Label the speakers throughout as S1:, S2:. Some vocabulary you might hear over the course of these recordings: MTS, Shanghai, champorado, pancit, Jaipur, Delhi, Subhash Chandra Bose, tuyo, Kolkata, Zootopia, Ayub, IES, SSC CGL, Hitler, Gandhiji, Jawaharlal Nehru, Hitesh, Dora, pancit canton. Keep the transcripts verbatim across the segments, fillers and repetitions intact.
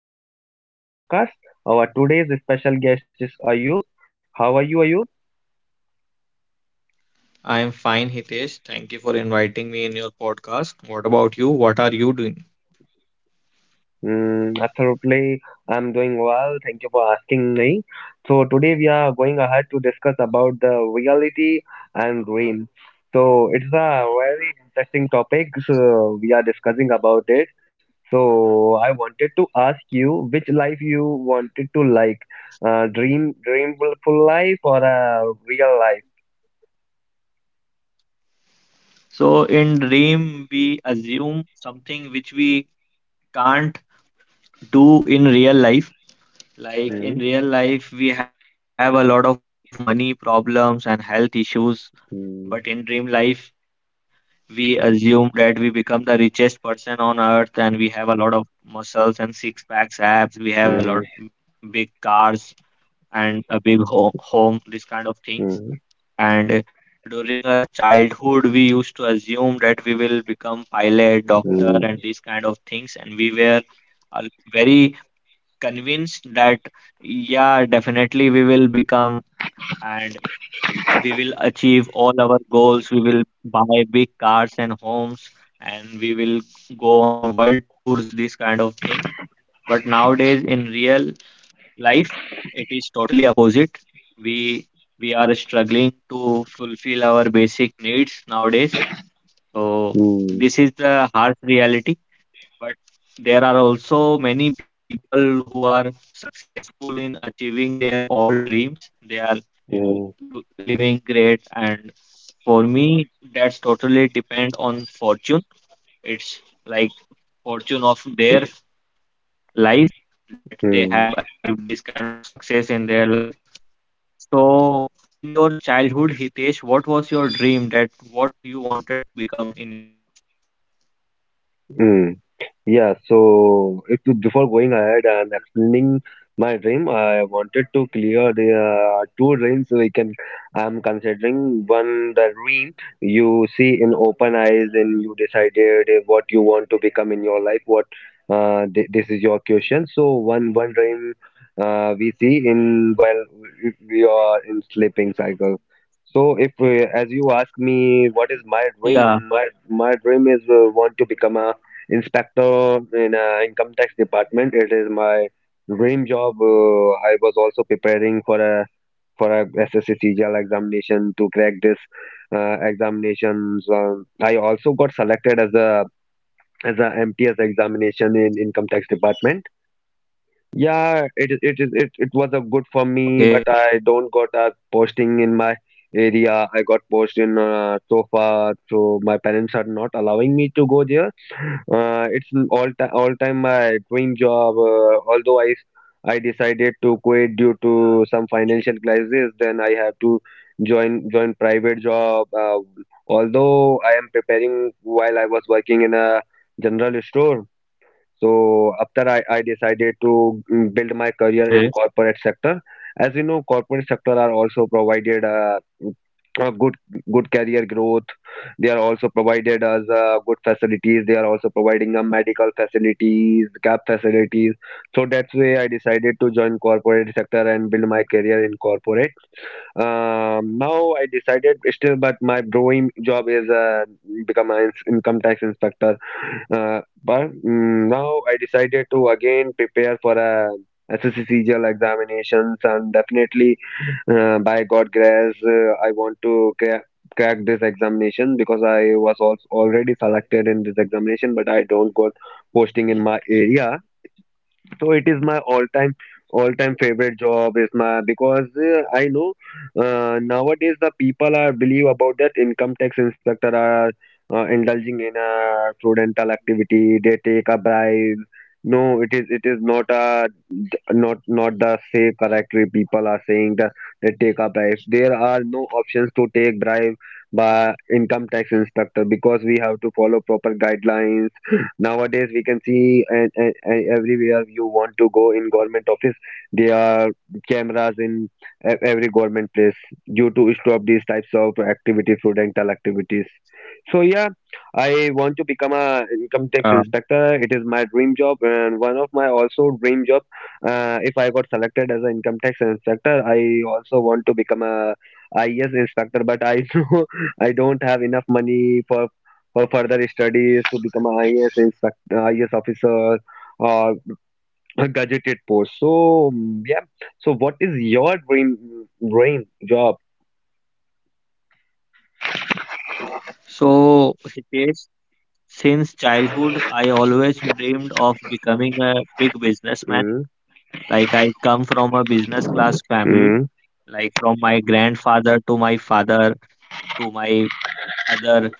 S1: I am the host of this podcast. Our today's special guest is Ayub. How are you, Ayub?
S2: I am fine, Hitesh. Thank you for inviting me in your podcast. What about you? What are you doing?
S1: Mm, absolutely, I'm doing well. Thank you for asking me. So today we are going ahead to discuss about the reality and dream. So it's a very interesting topic. So we are discussing about it. So I wanted to ask you which life you wanted to like, uh, dream, dreamful life or a real life?
S2: So, in dream, we assume something which we can't do in real life.
S1: Hmm.
S2: Like in real life, we have a lot of money problems and health issues,
S1: Mm,
S2: but in dream life, we assume that we become the richest person on earth and we have a lot of muscles and six packs abs. We have a
S1: mm,
S2: lot big cars and a big ho home, this kind of things.
S1: mm,
S2: And during our childhood, we used to assume that we will become pilot, doctor, and
S1: mm,
S2: these kind of things. And we were uh, very convinced that, yeah, definitely we will become and we will achieve all our goals. We will buy big cars and homes, and we will go on world tours, these kind of things. But nowadays, in real life, it is totally opposite. We we are struggling to fulfill our basic needs nowadays, so
S1: mm,
S2: this is the harsh reality. But there are also many people who are successful in achieving their all dreams. They are
S1: mm,
S2: do- living great, and for me that's totally depend on fortune. It's like fortune of their life that they
S1: mm,
S2: have achieved this kind of success in their life. So, in your childhood, Hitesh, what was your dream that what you wanted to become in your life?
S1: mm. Yeah, so if before going ahead and explaining my dream, I wanted to clear the uh, two dreams we can. I'm considering one the dream you see in open eyes and you decided uh, what you want to become in your life. What uh, th this is your question. So one one dream uh, we see in while if we are in sleeping cycle. So if uh, as you ask me, what is my dream?
S2: Yeah,
S1: My my dream is uh, want to become a inspector in uh, income tax department. It is my dream job. Uh, I was also preparing for a for a S S C C G L examination to crack this uh, examinations. Um I also got selected as a as a M T S examination in income tax department. Yeah, it is- it is it it was a good for me,
S2: okay,
S1: but I don't got a posting in my area. I got post in uh, so far, so my parents are not allowing me to go there. Uh, it's an all time all time my dream job. Uh, although I I decided to quit due to some financial crisis, then I have to join join private job. Uh, although I am preparing while I was working in a general store, so after I, I decided to mm, build my
S2: okay.
S1: career in corporate sector. As you know, corporate sector are also provided uh, a good good career growth. They are also provided us uh, good facilities. They are also providing uh, medical facilities, cap facilities. So that's why I decided to join corporate sector and build my career in corporate. Um, now I decided still, but my dream job is uh, become an ins- income tax inspector. Uh, but mm, now I decided to again prepare for a S S C G L examinations, and definitely, uh, by God grace, uh, I want to cra- crack this examination, because I was also already selected in this examination, but I don't got posting in my area, so it is my all time all time favorite job is my, because uh, I know uh, nowadays the people are believe about that income tax inspector are uh, indulging in a fraudulent activity, they take a bribe. No, it is it is not a, not not the say correctly people are saying that they take a bribe. There are no options to take bribe by income tax inspector because we have to follow proper guidelines. Nowadays we can see, and, and, and everywhere you want to go in government office, there are cameras in e- every government place due to stop these types of activities, prudential activities. So yeah, I want to become a
S2: Uh,
S1: income tax inspector. It is my dream job and one of my also dream job. Uh, if I got selected as an income tax inspector, I also want to become a I E S inspector, but I know I don't have enough money for for further studies to become a I E S inspector, I E S officer or a gadgeted post. So mm, yeah. So what is your dream dream job?
S2: so, Hitesh, since childhood, I always dreamed of becoming a big businessman.
S1: Mm,
S2: Like, I come from a business class family,
S1: mm,
S2: like from my grandfather to my father to my other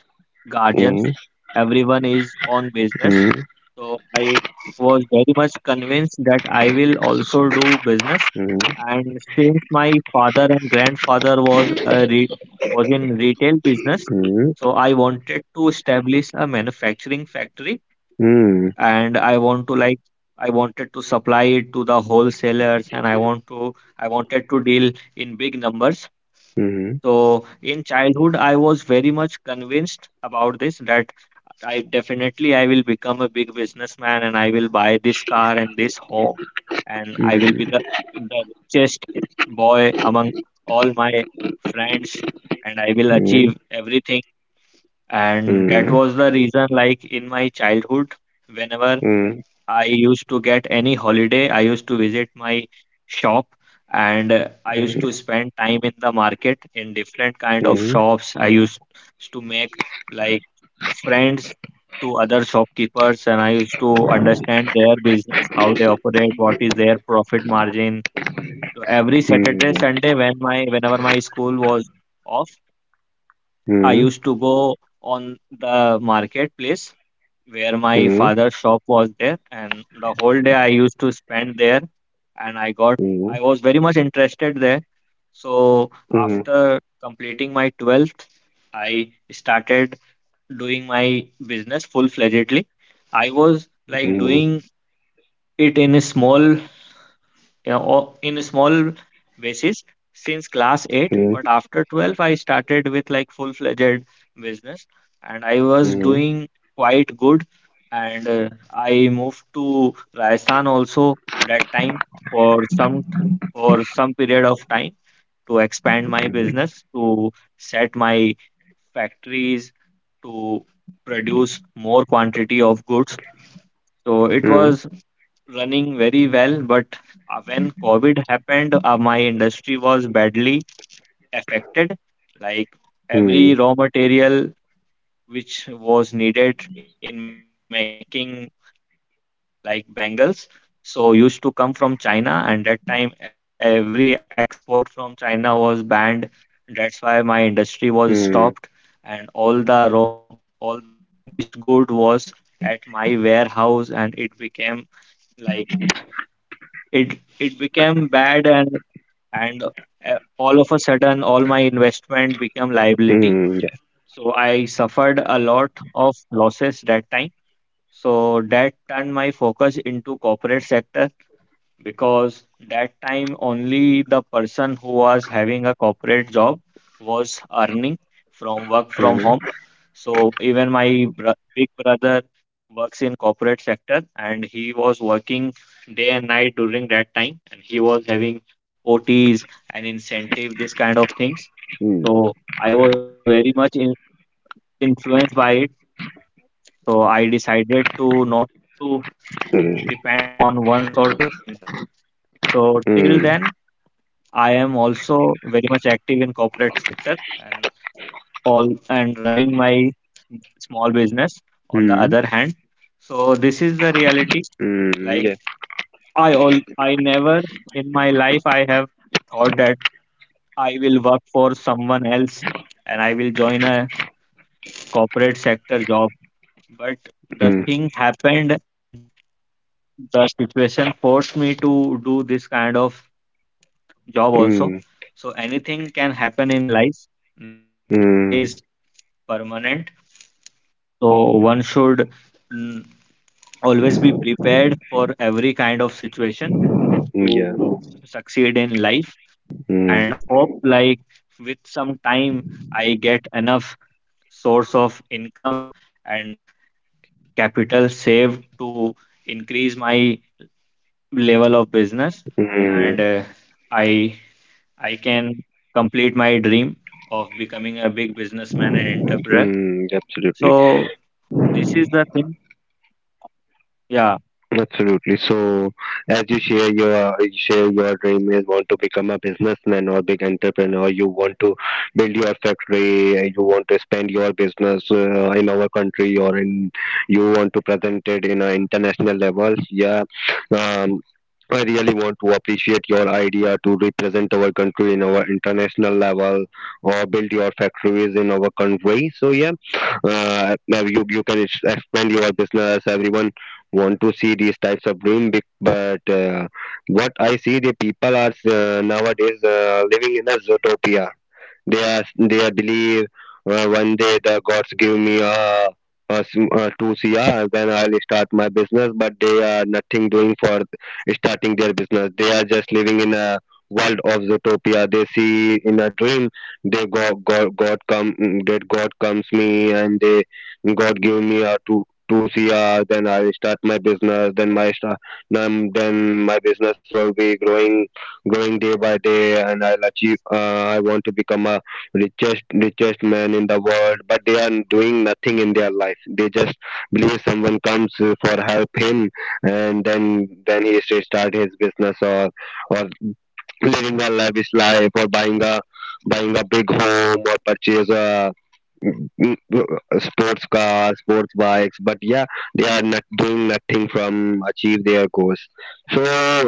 S2: guardians.
S1: mm,
S2: Everyone is on
S1: mm,
S2: business.
S1: mm,
S2: So I was very much convinced that I will also do business. And since my father and grandfather was a re- was in retail business, so I wanted to establish a manufacturing factory,
S1: mm, mm,
S2: and I want to like I wanted to supply it to the wholesalers, and I want to I wanted to deal in big numbers.
S1: mm, mm, mm,
S2: So in childhood, I was very much convinced about this that I definitely I will become a big businessman and I will buy this car and this home, and I will be the the richest boy among all my friends, and I will
S1: mm,
S2: achieve everything. And that was the reason, like in my childhood, whenever I used to get any holiday, I used to visit my shop, and uh, I used
S1: mm,
S2: to spend time in the market in different
S1: mm,
S2: kind of
S1: mm,
S2: shops. I used to make like friends to other shopkeepers, and I used to understand their business, how they operate, what is their profit margin. So every Saturday,
S1: mm.
S2: Sunday, when my whenever my school was off, I
S1: Mm.
S2: used to go on the marketplace where my
S1: Mhm.
S2: father's shop was there, and the whole day I used to spend there, and I got
S1: Mhm.
S2: I was very much interested there. So
S1: Mhm.
S2: after completing my twelfth, I started doing my business full-fledgedly. I was like
S1: Mhm.
S2: doing it in a small uh, o- in a small basis since class eight, but after twelve I started with like full fledged business, and I was
S1: Mhm.
S2: doing quite good. And uh, I moved to Rajasthan also that time for some for some period of time to expand my business, to set my factories, to produce more quantity of goods. So it
S1: Mhm.
S2: was running very well, but uh, when COVID happened, uh, my industry was badly affected. Like every raw material which was needed in making like bangles, so used to come from China, and that time every export from China was banned. That's why my industry was stopped,
S1: Mhm.
S2: and all the raw, all the finished good was at my warehouse, and it became like it it became bad, and and uh, all of a sudden all my investment became
S1: Mhm.
S2: liability.
S1: Mhm. Mhm. Yeah.
S2: So I suffered a lot of losses that time. So that turned my focus into corporate sector, because that time only the person who was having a corporate job was earning from work
S1: Mhm.
S2: from
S1: Mhm.
S2: home. So even my bro big brother works in corporate sector, and he was working day and night during that time, and he was having O Ts and incentive, this kind of things. So I was very much in influenced by it. So I decided to not to
S1: Mhm.
S2: depend on one source of income. So till then, I am also very much active in corporate sector and all, and running my small business on the other hand. So this is the reality.
S1: Mhm. Mhm. Mhm. Yeah.
S2: Like i all I never in my life I have thought that I will work for someone else and I will join a corporate sector job, but
S1: Mhm.
S2: the thing happened, and the situation forced me to do this kind of job
S1: Mhm.
S2: also. So anything can happen in life. Nothing
S1: Mhm.
S2: is permanent. So one should mm, always be prepared for every kind of situation
S1: Yeah.
S2: to succeed in life,
S1: Mm,
S2: and hope like with some time I get enough source of income and capital saved to increase my level of business,
S1: mm,
S2: and uh, i I can complete my dream of becoming a big businessman and entrepreneur.
S1: mm, absolutely.
S2: So this is the thing. Yeah,
S1: Absolutely. So, as you share your share your dream is want to become a businessman or big entrepreneur, you want to build your factory, uh, you want to expand your business uh, in our country or in you want to present it in an international level. Yeah. Um, I really want to appreciate your idea to represent our country in our international level or build your factories in our country. So yeah, uh, now you you can ex- expand your business. Everyone want to see these types of room bec- but uh, what I see the people are uh, nowadays uh, living in a zootopia. They are, they are believe uh, one day the gods give me a a s- a two crore, then I'll start my business. But they are nothing doing for starting their business. They are just living in a world of Zootopia. They see in a dream. They go God, God come mm, that God comes me, and they God give me a two two crore. Then I will start my business. Then my start, then, then my business will be growing growing day by day, and I'll achieve uh, I want to become a richest richest man in the world. But they are doing nothing in their life, they just believe someone comes uh, for help him, and then then he should start his business, or or living a lavish life, or buying a buying a big home, or purchase a mm, sports cars, sports bikes, but yeah, they are not doing nothing from achieve their goals. So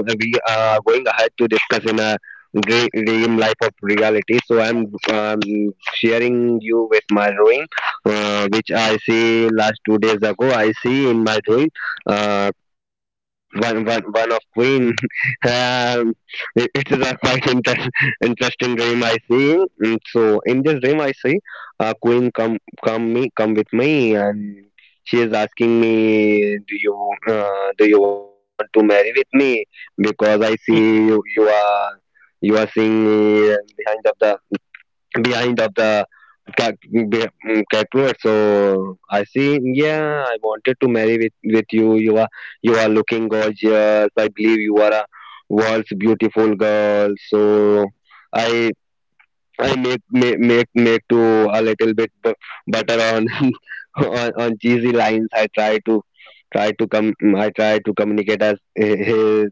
S1: we are going ahead to discuss in a dre- dream life of reality. So I'm um, sharing you with my drawing, uh, which I see last two days ago. I see in my drawing uh, one, one, one of Queen. um, it, it is a quite inter- interesting dream I see. Mm, so in this dream I see uh, Queen come come me come with me, and she is asking me, do you uh, do you want to marry with me? Because I see you you are you are seeing me behind of the behind of the cat, be- mm, catwalk. So I see, yeah, I wanted to marry with with you, you are you are looking gorgeous, I believe you are a world's beautiful girl, so i I make make make make to a little bit bu- butter on on, on cheesy lines. I try to try to come. I try to communicate as hi- his,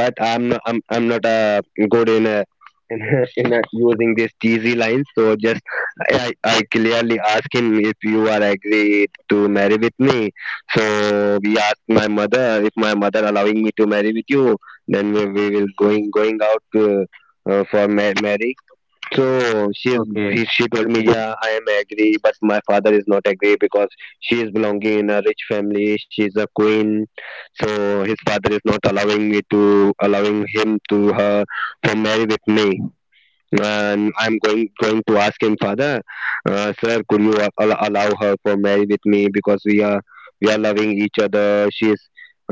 S1: but I'm not I'm, I'm not uh, good in uh in, a- in uh using these cheesy lines. So just I I clearly ask him if you are agree to marry with me. So we ask my mother if my mother allowing me to marry with you. Then we, we will going going out. Uh, uh, for Mary. So she is he, she told me, yeah,
S2: okay,
S1: I am agree, but my father is not agree because she is belonging in a rich family. She is a queen, so his father is not allowing me to allowing him to her for marry with me. And I'm going going to ask him, Father, uh, sir, could you al- al- allow her for marriage with me, because we are we are loving each other. She's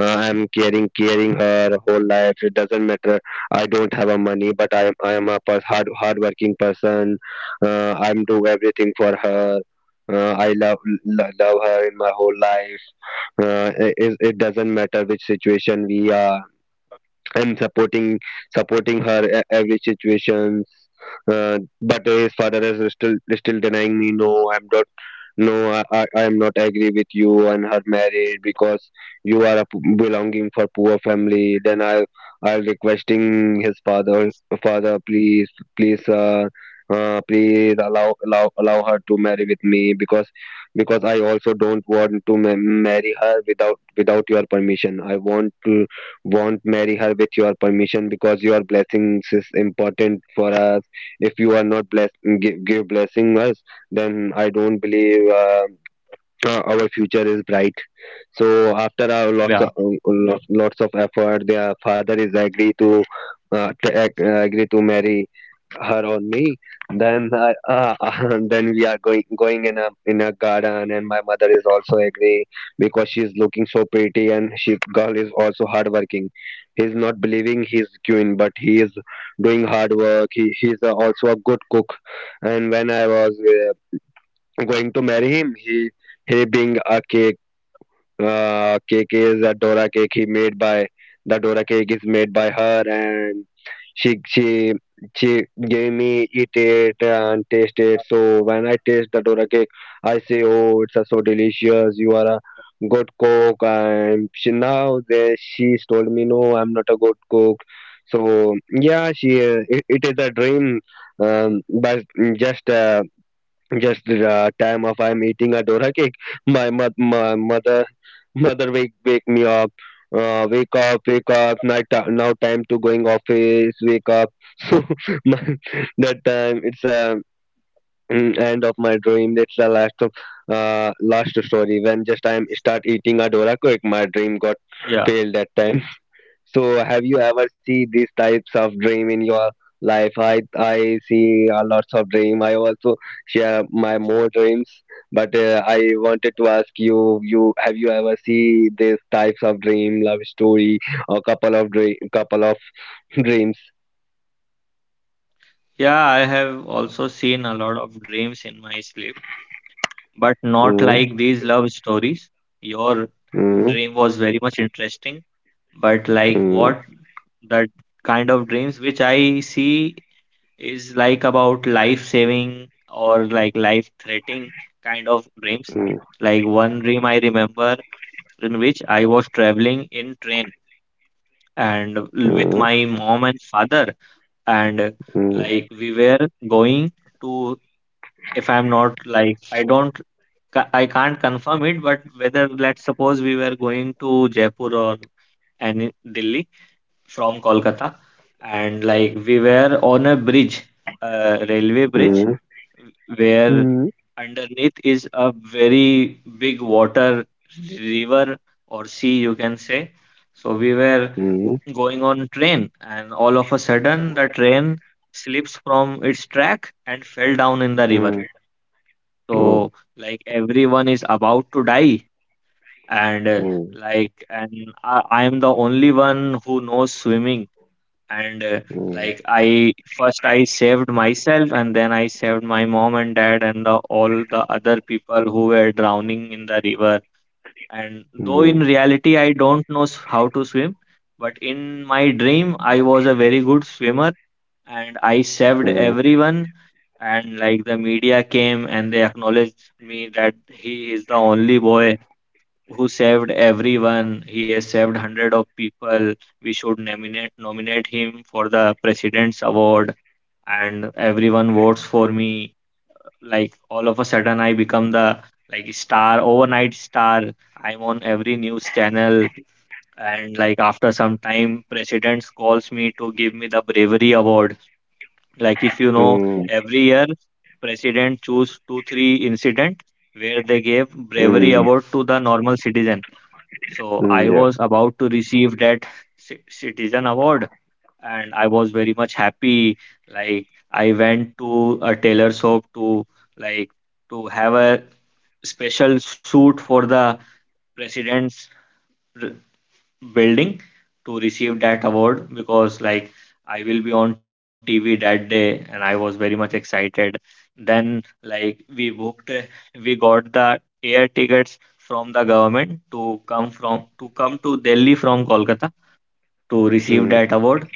S1: uh, I'm caring caring her whole life. It doesn't matter. I don't have a money, but I am I am a per- hard hardworking person. Uh, I'm do everything for her. Uh, I love lo- love her in my whole life. Uh, it, it doesn't matter which situation we are, and supporting supporting her e- every situations. Uh, but his father is still still denying me. No, I'm not. No, I, I I am not agree with you and her marriage, because you are a p- belonging for poor family. Then i i requesting his father father, please please uh, uh, please allow allow allow her to marry with me, because because I also don't want to ma- marry her without without your permission. I want to won't marry her with your permission, because your blessings is important for us. If you are not bless, give, give blessing us, then I don't believe uh, uh, our future is bright. So after our lots of um,
S2: yeah
S1: lots, lots of effort, their father is agree to uh, to ag- uh, agree to marry her on me. then I, uh, then we are going going in a in a garden, and my mother is also agree because she is looking so pretty, and she girl is also hardworking. He's not believing he's queen, but he is doing hard work. He he's uh, also a good cook. And when I was uh, going to marry him, he he being a cake. Uh, cake is a Dora cake he made by. The Dora cake is made by her, and she she she gave me eat it and taste it. So when I taste the Dora cake, I say, oh, it's uh, so delicious. You are a good cook. And she now that she's told me, no, I'm not a good cook. So yeah, she uh, it, it is a dream, um, but just uh, just the uh, time of I'm eating a dora cake, my, mo- my mother mother wake wake me up. Uh, wake up, wake up! Night ti- now time to going office. Wake up! So my- that time it's a end of my dream. That's the last of uh last story. When just time start eating a dora cake, my dream got
S2: yeah
S1: failed that time. So have you ever see these types of dream in your life? I I see a lots of dream. I also share my more dreams, but uh, I wanted to ask you, you have you ever see these types of dream, love story, or couple of dream, couple of dreams?
S2: Yeah, I have also seen a lot of dreams in my sleep, but not
S1: Mm,
S2: like these love stories. Your
S1: mm,
S2: dream was very much interesting, but like
S1: mm,
S2: what that kind of dreams which I see is like about life saving or like life threatening kind of dreams.
S1: mm,
S2: Like one dream I remember, in which I was traveling in train and
S1: mm, mm,
S2: with my mom and father, and like we were going to, if I'm not like I don't ca- I can't confirm it, but whether let's suppose we were going to Jaipur or any Delhi from Kolkata, and like we were on a bridge, uh, railway
S1: mm,
S2: bridge,
S1: mm, mm, mm, mm,
S2: where
S1: mm, mm,
S2: underneath is a very big water river or sea, you can say. So we were
S1: mm,
S2: going on train, and all of a sudden the train slips from its track and fell down in the river. So like everyone is about to die, and uh, like and I, I am the only one who knows swimming, and uh, like I first I saved myself, and then I saved my mom and dad and the, all the other people who were drowning in the river. And though in reality I don't know s- how to swim, but in my dream I was a very good swimmer, and I saved
S1: mm,
S2: everyone. And like the media came and they acknowledged me that he is the only boy who saved everyone. He has saved hundred of people. We should nominate nominate him for the president's award. And everyone votes for me. Like all of a sudden, I become the like star, overnight star. I'm on every news channel. And like after some time, presidents calls me to give me the bravery award. Like if you know,
S1: mm, mm,
S2: every year president choose two, three incident where they gave bravery
S1: mm,
S2: award to the normal citizen. So I
S1: mm,
S2: was about to receive that ci- citizen award, and I was very much happy. Like I went to a tailor shop to like to have a special suit for the president's building to receive that award, because like I will be on T V that day and I was very much excited. Then like we booked uh, we got the air tickets from the government to come from to come to Delhi from Kolkata to
S3: Mm,
S2: receive that award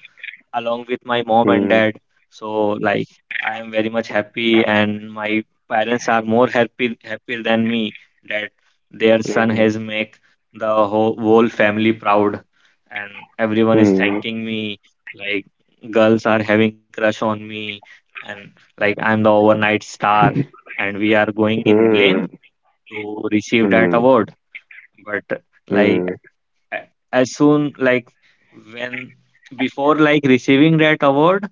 S2: along with my
S3: mm,
S2: mom and dad. So like I am very much happy, and my parents are more happy happy than me that their son has
S3: mm,
S2: make the whole, whole family proud, and everyone is
S3: mm,
S2: thanking me, like girls are having crush on me, and like I'm the overnight star, and we are going in plane
S3: mm,
S2: to receive that
S3: mm,
S2: award. But like
S3: mm,
S2: a- as soon like when before like receiving that award,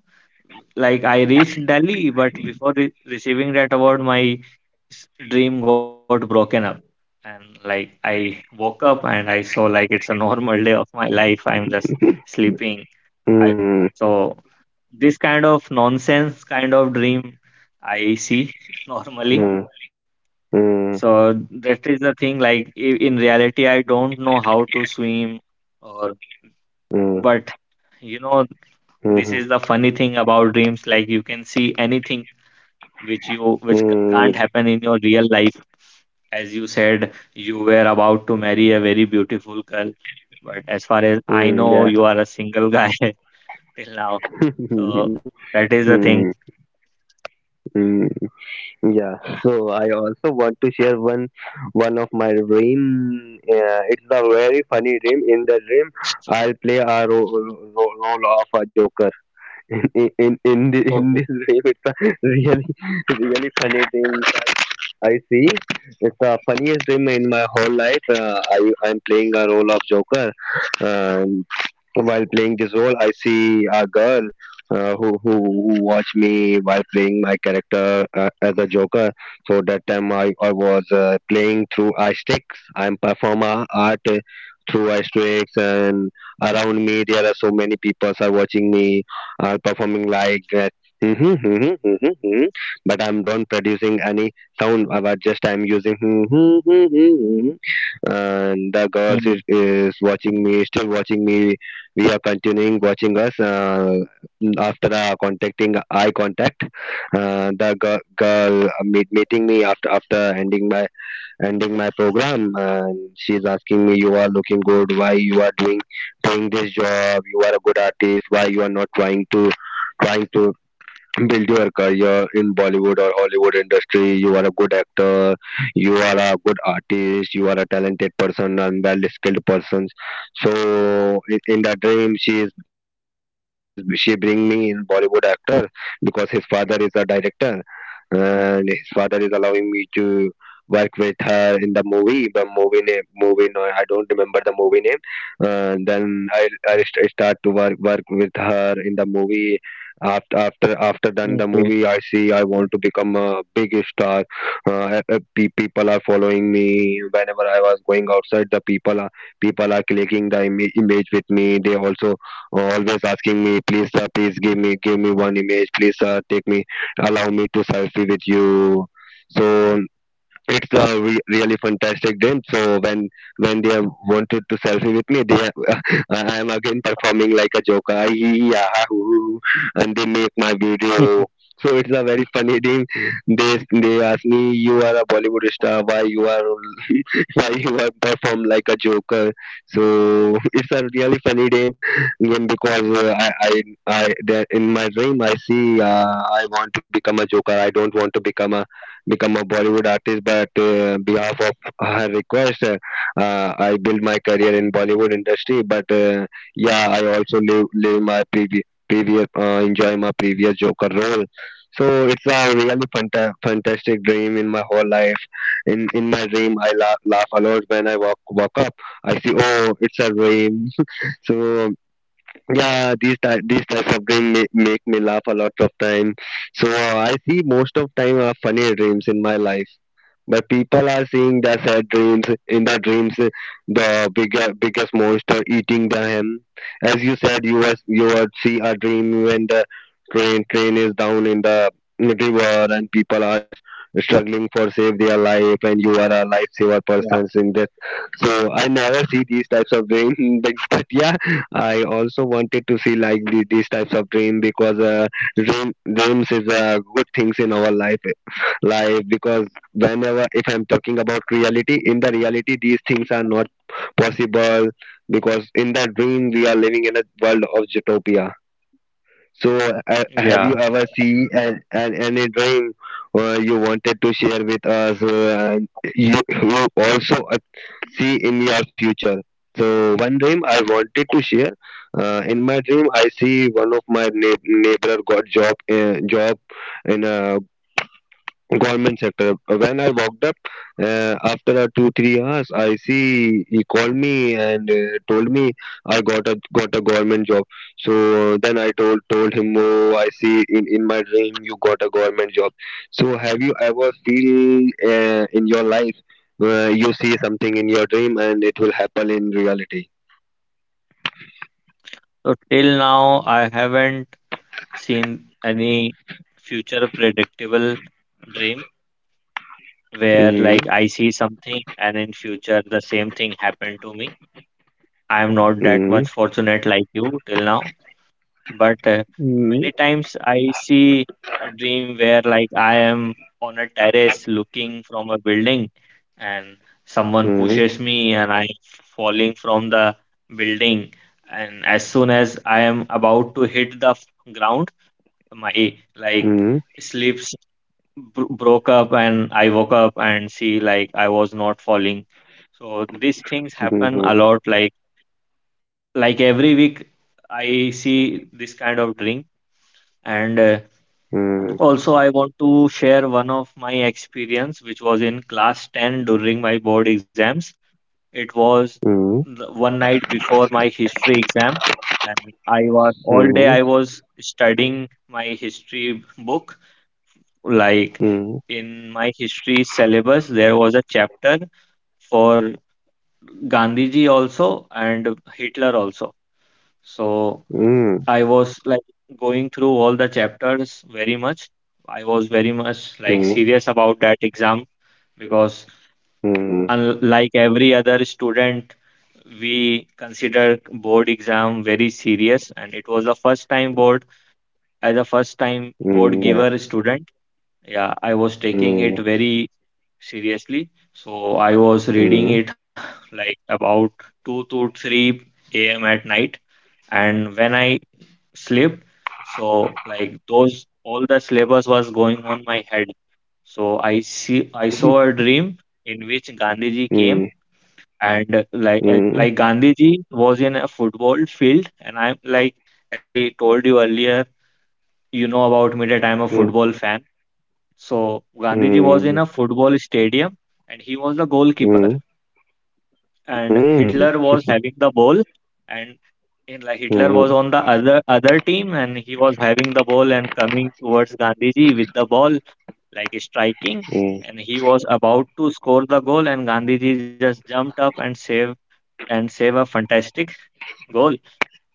S2: like I reached Delhi, but before re receiving that award, my s- dream got broken up. And like I woke up and I saw like it's a normal day of my life. I'm just sleeping. I
S3: mm, mm,
S2: so this kind of nonsense kind of dream I see normally.
S3: mm,
S2: So that is the thing. Like i- in reality, I don't know how to swim or, but you know, this
S3: mm,
S2: is the funny thing about dreams. Like you can see anything which you which c-
S3: mm,
S2: can't
S3: mm,
S2: happen in your real life. As you said, you were about to marry a very beautiful girl, but as far as I
S3: mm,
S2: know,
S3: yeah.
S2: you are a single guy till now. So that is the thing.
S3: Mm, mm, yeah. So I also want to share one one of my dream Uh, it's a very funny dream. In the dream, I'll play a ro ro role of a joker. In in in, the,
S2: Okay.
S3: in this dream, it's a really really funny dream. I see. It's the funniest dream in my whole life. Uh, I I'm playing a role of Joker, um, while playing this role, I see a girl uh, who, who who watched me while playing my character uh, as a Joker. So that time I, I was uh, playing through eye sticks. I'm performer art uh, through eye sticks, and around me there are so many people are watching me, are performing like that. hmm mm hmm hmm hmm But I'm not producing any sound. I was just I'm using. hmm hmm mm hmm and the girls is,
S2: Mm,
S3: is watching me, still watching me. We are continuing watching us, uh, after uh, contacting eye contact, uh, the girl, girl, uh, meet, meeting me after after ending my ending my program, and she's asking me, you are looking good, why you are doing doing this job, you are a good artist, why you are not trying to trying to build your career in Bollywood or Hollywood industry. You are a good actor, you are a good artist, you are a talented person and well skilled person. So in, in the dream, she is she is she bring me in Bollywood actor because his father is a director, and his father is allowing me to work with her in the movie. The movie name movie no, I don't remember the movie name. And then i, I st- start to work work with her in the movie. After after after done the
S2: okay
S3: movie, I see I want to become a big star. Uh, uh, pe- people are following me. Whenever I was going outside, the people are people are clicking the ima- image with me. They also always asking me, please sir, please give me give me one image, please sir, take me, allow me to selfie with you. So it's a re- really fantastic day. So when when they have wanted to selfie with me, they have, I am again performing like a joker, "Ah, hee, ah, ha, hoo, hoo," and they make my video. So it's a very funny thing. They they ask me, "You are a Bollywood star. Why you are while you have performed like a joker." So it's a really funny dream, mm, because uh, I, I, I that in my dream I see uh, I want to become a joker. I don't want to become a become a Bollywood artist, but uh, behalf of her request, uh, uh, I build my career in Bollywood industry. But uh, yeah, I also live live my previous previous uh, enjoy my previous joker role. So it's a really fanta- fantastic dream in my whole life. In in my dream I laugh, laugh a lot. When I walk walk up, I see, oh, it's a dream. So um, yeah, these ty- these types of dreams ma- make me laugh a lot of time. So uh, I see most of time are funny dreams in my life, but people are seeing the sad dreams. In the dreams, uh, the bigger biggest monster eating them. As you said, you was you would see a dream when the train train is down in the river and people are struggling for save their life, and you are a lifesaver
S2: yeah
S3: person in this. So I never see these types of dreams. But, but yeah, I also wanted to see like the, these types of dream, because uh, dream dreams is uh, good things in our life life, because whenever, if I'm talking about reality, in the reality these things are not possible, because in the dream we are living in a world of utopia. So, uh, have
S2: yeah
S3: you ever seen an, an, any dream uh, you wanted to share with us? Uh, you, you also uh, see in your future. So, one dream I wanted to share. Uh, in my dream, I see one of my neigh- neighbor got job, uh, job in a government sector. When I walked up uh, after a two three hours, I see he called me and uh, told me I got a got a government job. So then I told told him, oh, I see in in my dream you got a government job. So have you ever feel uh, in your life uh, you see something in your dream and it will happen in reality?
S2: so till now I haven't seen any future predictable dream where,
S3: Mm,
S2: like, I see something and in future the same thing happened to me. I am not that much
S3: mm,
S2: fortunate like you till now, but uh, many
S3: mm,
S2: times I see a dream where, like, I am on a terrace looking from a building and someone pushes me and I'm falling from the building, and as soon as I am about to hit the f- ground, my,
S3: mm,
S2: like,
S3: mm,
S2: sleeps bro broke up and I woke up and see, like, I was not falling. So these things happen a lot, like like every week I see this kind of dream. And uh,
S3: mm,
S2: also, I want to share one of my experience, which was in class ten during my board exams. It was the- one night before my history exam, and I was all day I was studying my history book. Like,
S3: mm,
S2: in my history syllabus, there was a chapter for Gandhiji also and Hitler also. So
S3: mm,
S2: I was, like, going through all the chapters very much. I was very much, like,
S3: mm,
S2: serious about that exam, because,
S3: mm,
S2: unlike every other student, we consider board exam very serious, and it was the first time board, as a first time board
S3: mm, yeah.
S2: giver student. Yeah, I was taking it
S3: Mm.
S2: very seriously. So I was reading
S3: Mm,
S2: it like about two to three a m at night, and when I slept. So, like, those all the syllabus was going on my head. So I see I saw a dream in which Gandhiji came
S3: mm,
S2: and, like, uh,
S3: mm,
S2: like Gandhiji was in a football field, and I'm like, as I told you earlier, you know about me, that I'm a
S3: mm,
S2: football fan. So Gandhiji was in
S3: mm,
S2: a football stadium, and he was the
S3: mm,
S2: goalkeeper.
S3: mm,
S2: And
S3: mm,
S2: Hitler was having the ball, and, in, like, Hitler
S3: mm,
S2: was on the other other team and he was having the ball and coming towards Gandhiji with the ball, like striking, and he was about to score the goal, and Gandhiji just jumped up and saved, and save a fantastic goal.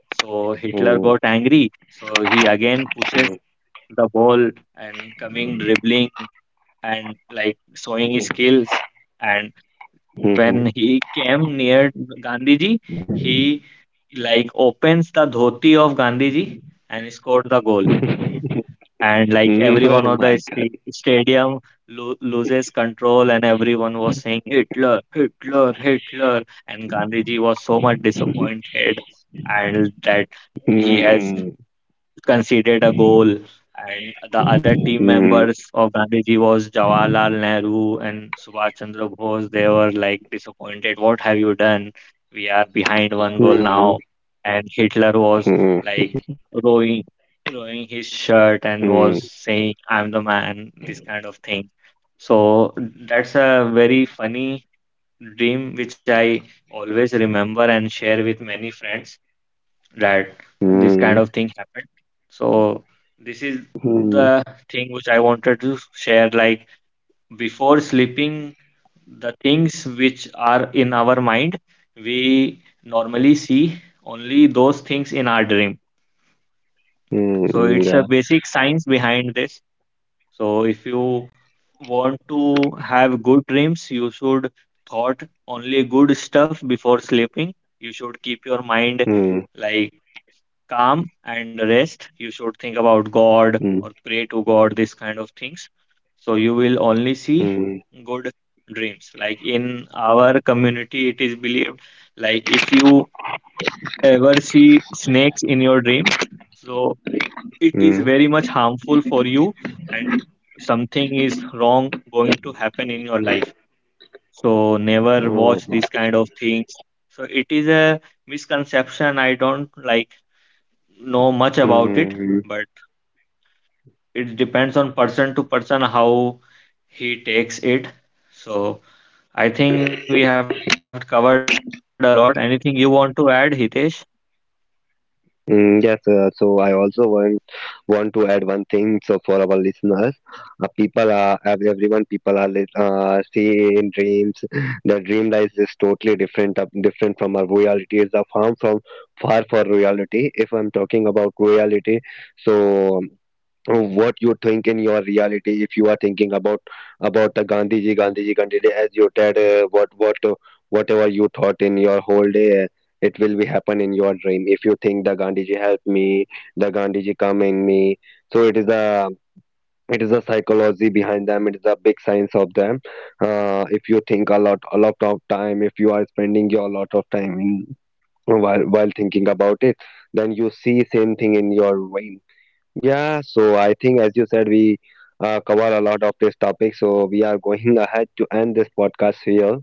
S2: So Hitler got
S3: mm,
S2: angry. So he again pushes the ball and coming dribbling and, like, showing his skills, and
S3: mm, mm,
S2: when
S3: mm.
S2: he came near Gandhiji, he, like, opens the dhoti of Gandhiji and scored the goal. And, like,
S3: Oh
S2: everyone on
S3: my
S2: the
S3: God.
S2: sta- stadium lo loses control, and everyone was saying, "Hitler, Hitler, Hitler." And Gandhiji was so much disappointed, and that he has
S3: Mm,
S2: conceded a goal, and the other team
S3: mm,
S2: members of Gandhiji was Jawaharlal Nehru and Subhash Chandra Bose. They were, like, disappointed. What have you done? We are behind one goal
S3: mm,
S2: now. And Hitler was,
S3: mm,
S2: like, rowing, rowing his shirt and
S3: mm,
S2: was saying, "I'm the man." This kind of thing. So that's a very funny dream which I always remember and share with many friends, that this
S3: mm,
S2: kind of thing happened. So this is
S3: mm,
S2: the thing which I wanted to share. Like, before sleeping, the things which are in our mind, we normally see only those things in our dream. So
S3: mm,
S2: it's
S3: yeah.
S2: a basic science behind this. So if you want to have good dreams, you should thought only good stuff before sleeping. You should keep your mind,
S3: Mm,
S2: like, calm and rest. You should think about God
S3: mm,
S2: or pray to God, this kind of things. So you will only see
S3: mm,
S2: good dreams. Like, in our community, it is believed, like, if you ever see snakes in your dream, so it is
S3: mm,
S2: very much harmful for you, and something is wrong going to happen in your life. So never watch
S3: mm,
S2: these kind of things. So it is a misconception. I don't like know much about it,
S3: mm.
S2: but it depends on person to person how he takes it. So I think we have covered a lot. Anything you want to add, Hitesh?
S3: Mm, yes, uh, so I also want want to add one thing. So for our listeners, uh, people are ev- everyone. People are lit- uh, seeing dreams. The dream life is totally different, uh, different from our reality. It's a farm from far for reality. If I'm talking about reality, so uh, what you think in your reality, if you are thinking about about the Gandhiji Gandhiji Gandhiji, as you said, uh, what what uh, whatever you thought in your whole day, uh, it will be happen in your dream. If you think the Gandhiji help me, the Gandhiji come in me, so it is the it is the psychology behind them, it is a big science of them. Uh, if you think a lot, a lot of time if you are spending your lot of time in while while thinking about it, then you see same thing in your dream. Yeah, so I think, as you said, we uh, cover a lot of this topic. So we are going ahead to end this podcast here.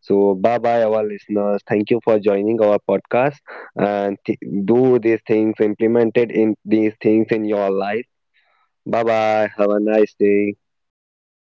S3: So bye bye, our listeners. Thank you for joining our podcast and
S2: Yeah,
S3: th-
S2: thank you
S3: do these
S2: guys
S3: things,
S2: for
S3: implemented
S2: listening
S3: in
S2: to us.
S3: these things in your
S2: It
S3: life.
S2: was lovely
S3: Bye
S2: speaking to you.
S3: bye. Have a nice day.
S2: Goodbye, bye bye.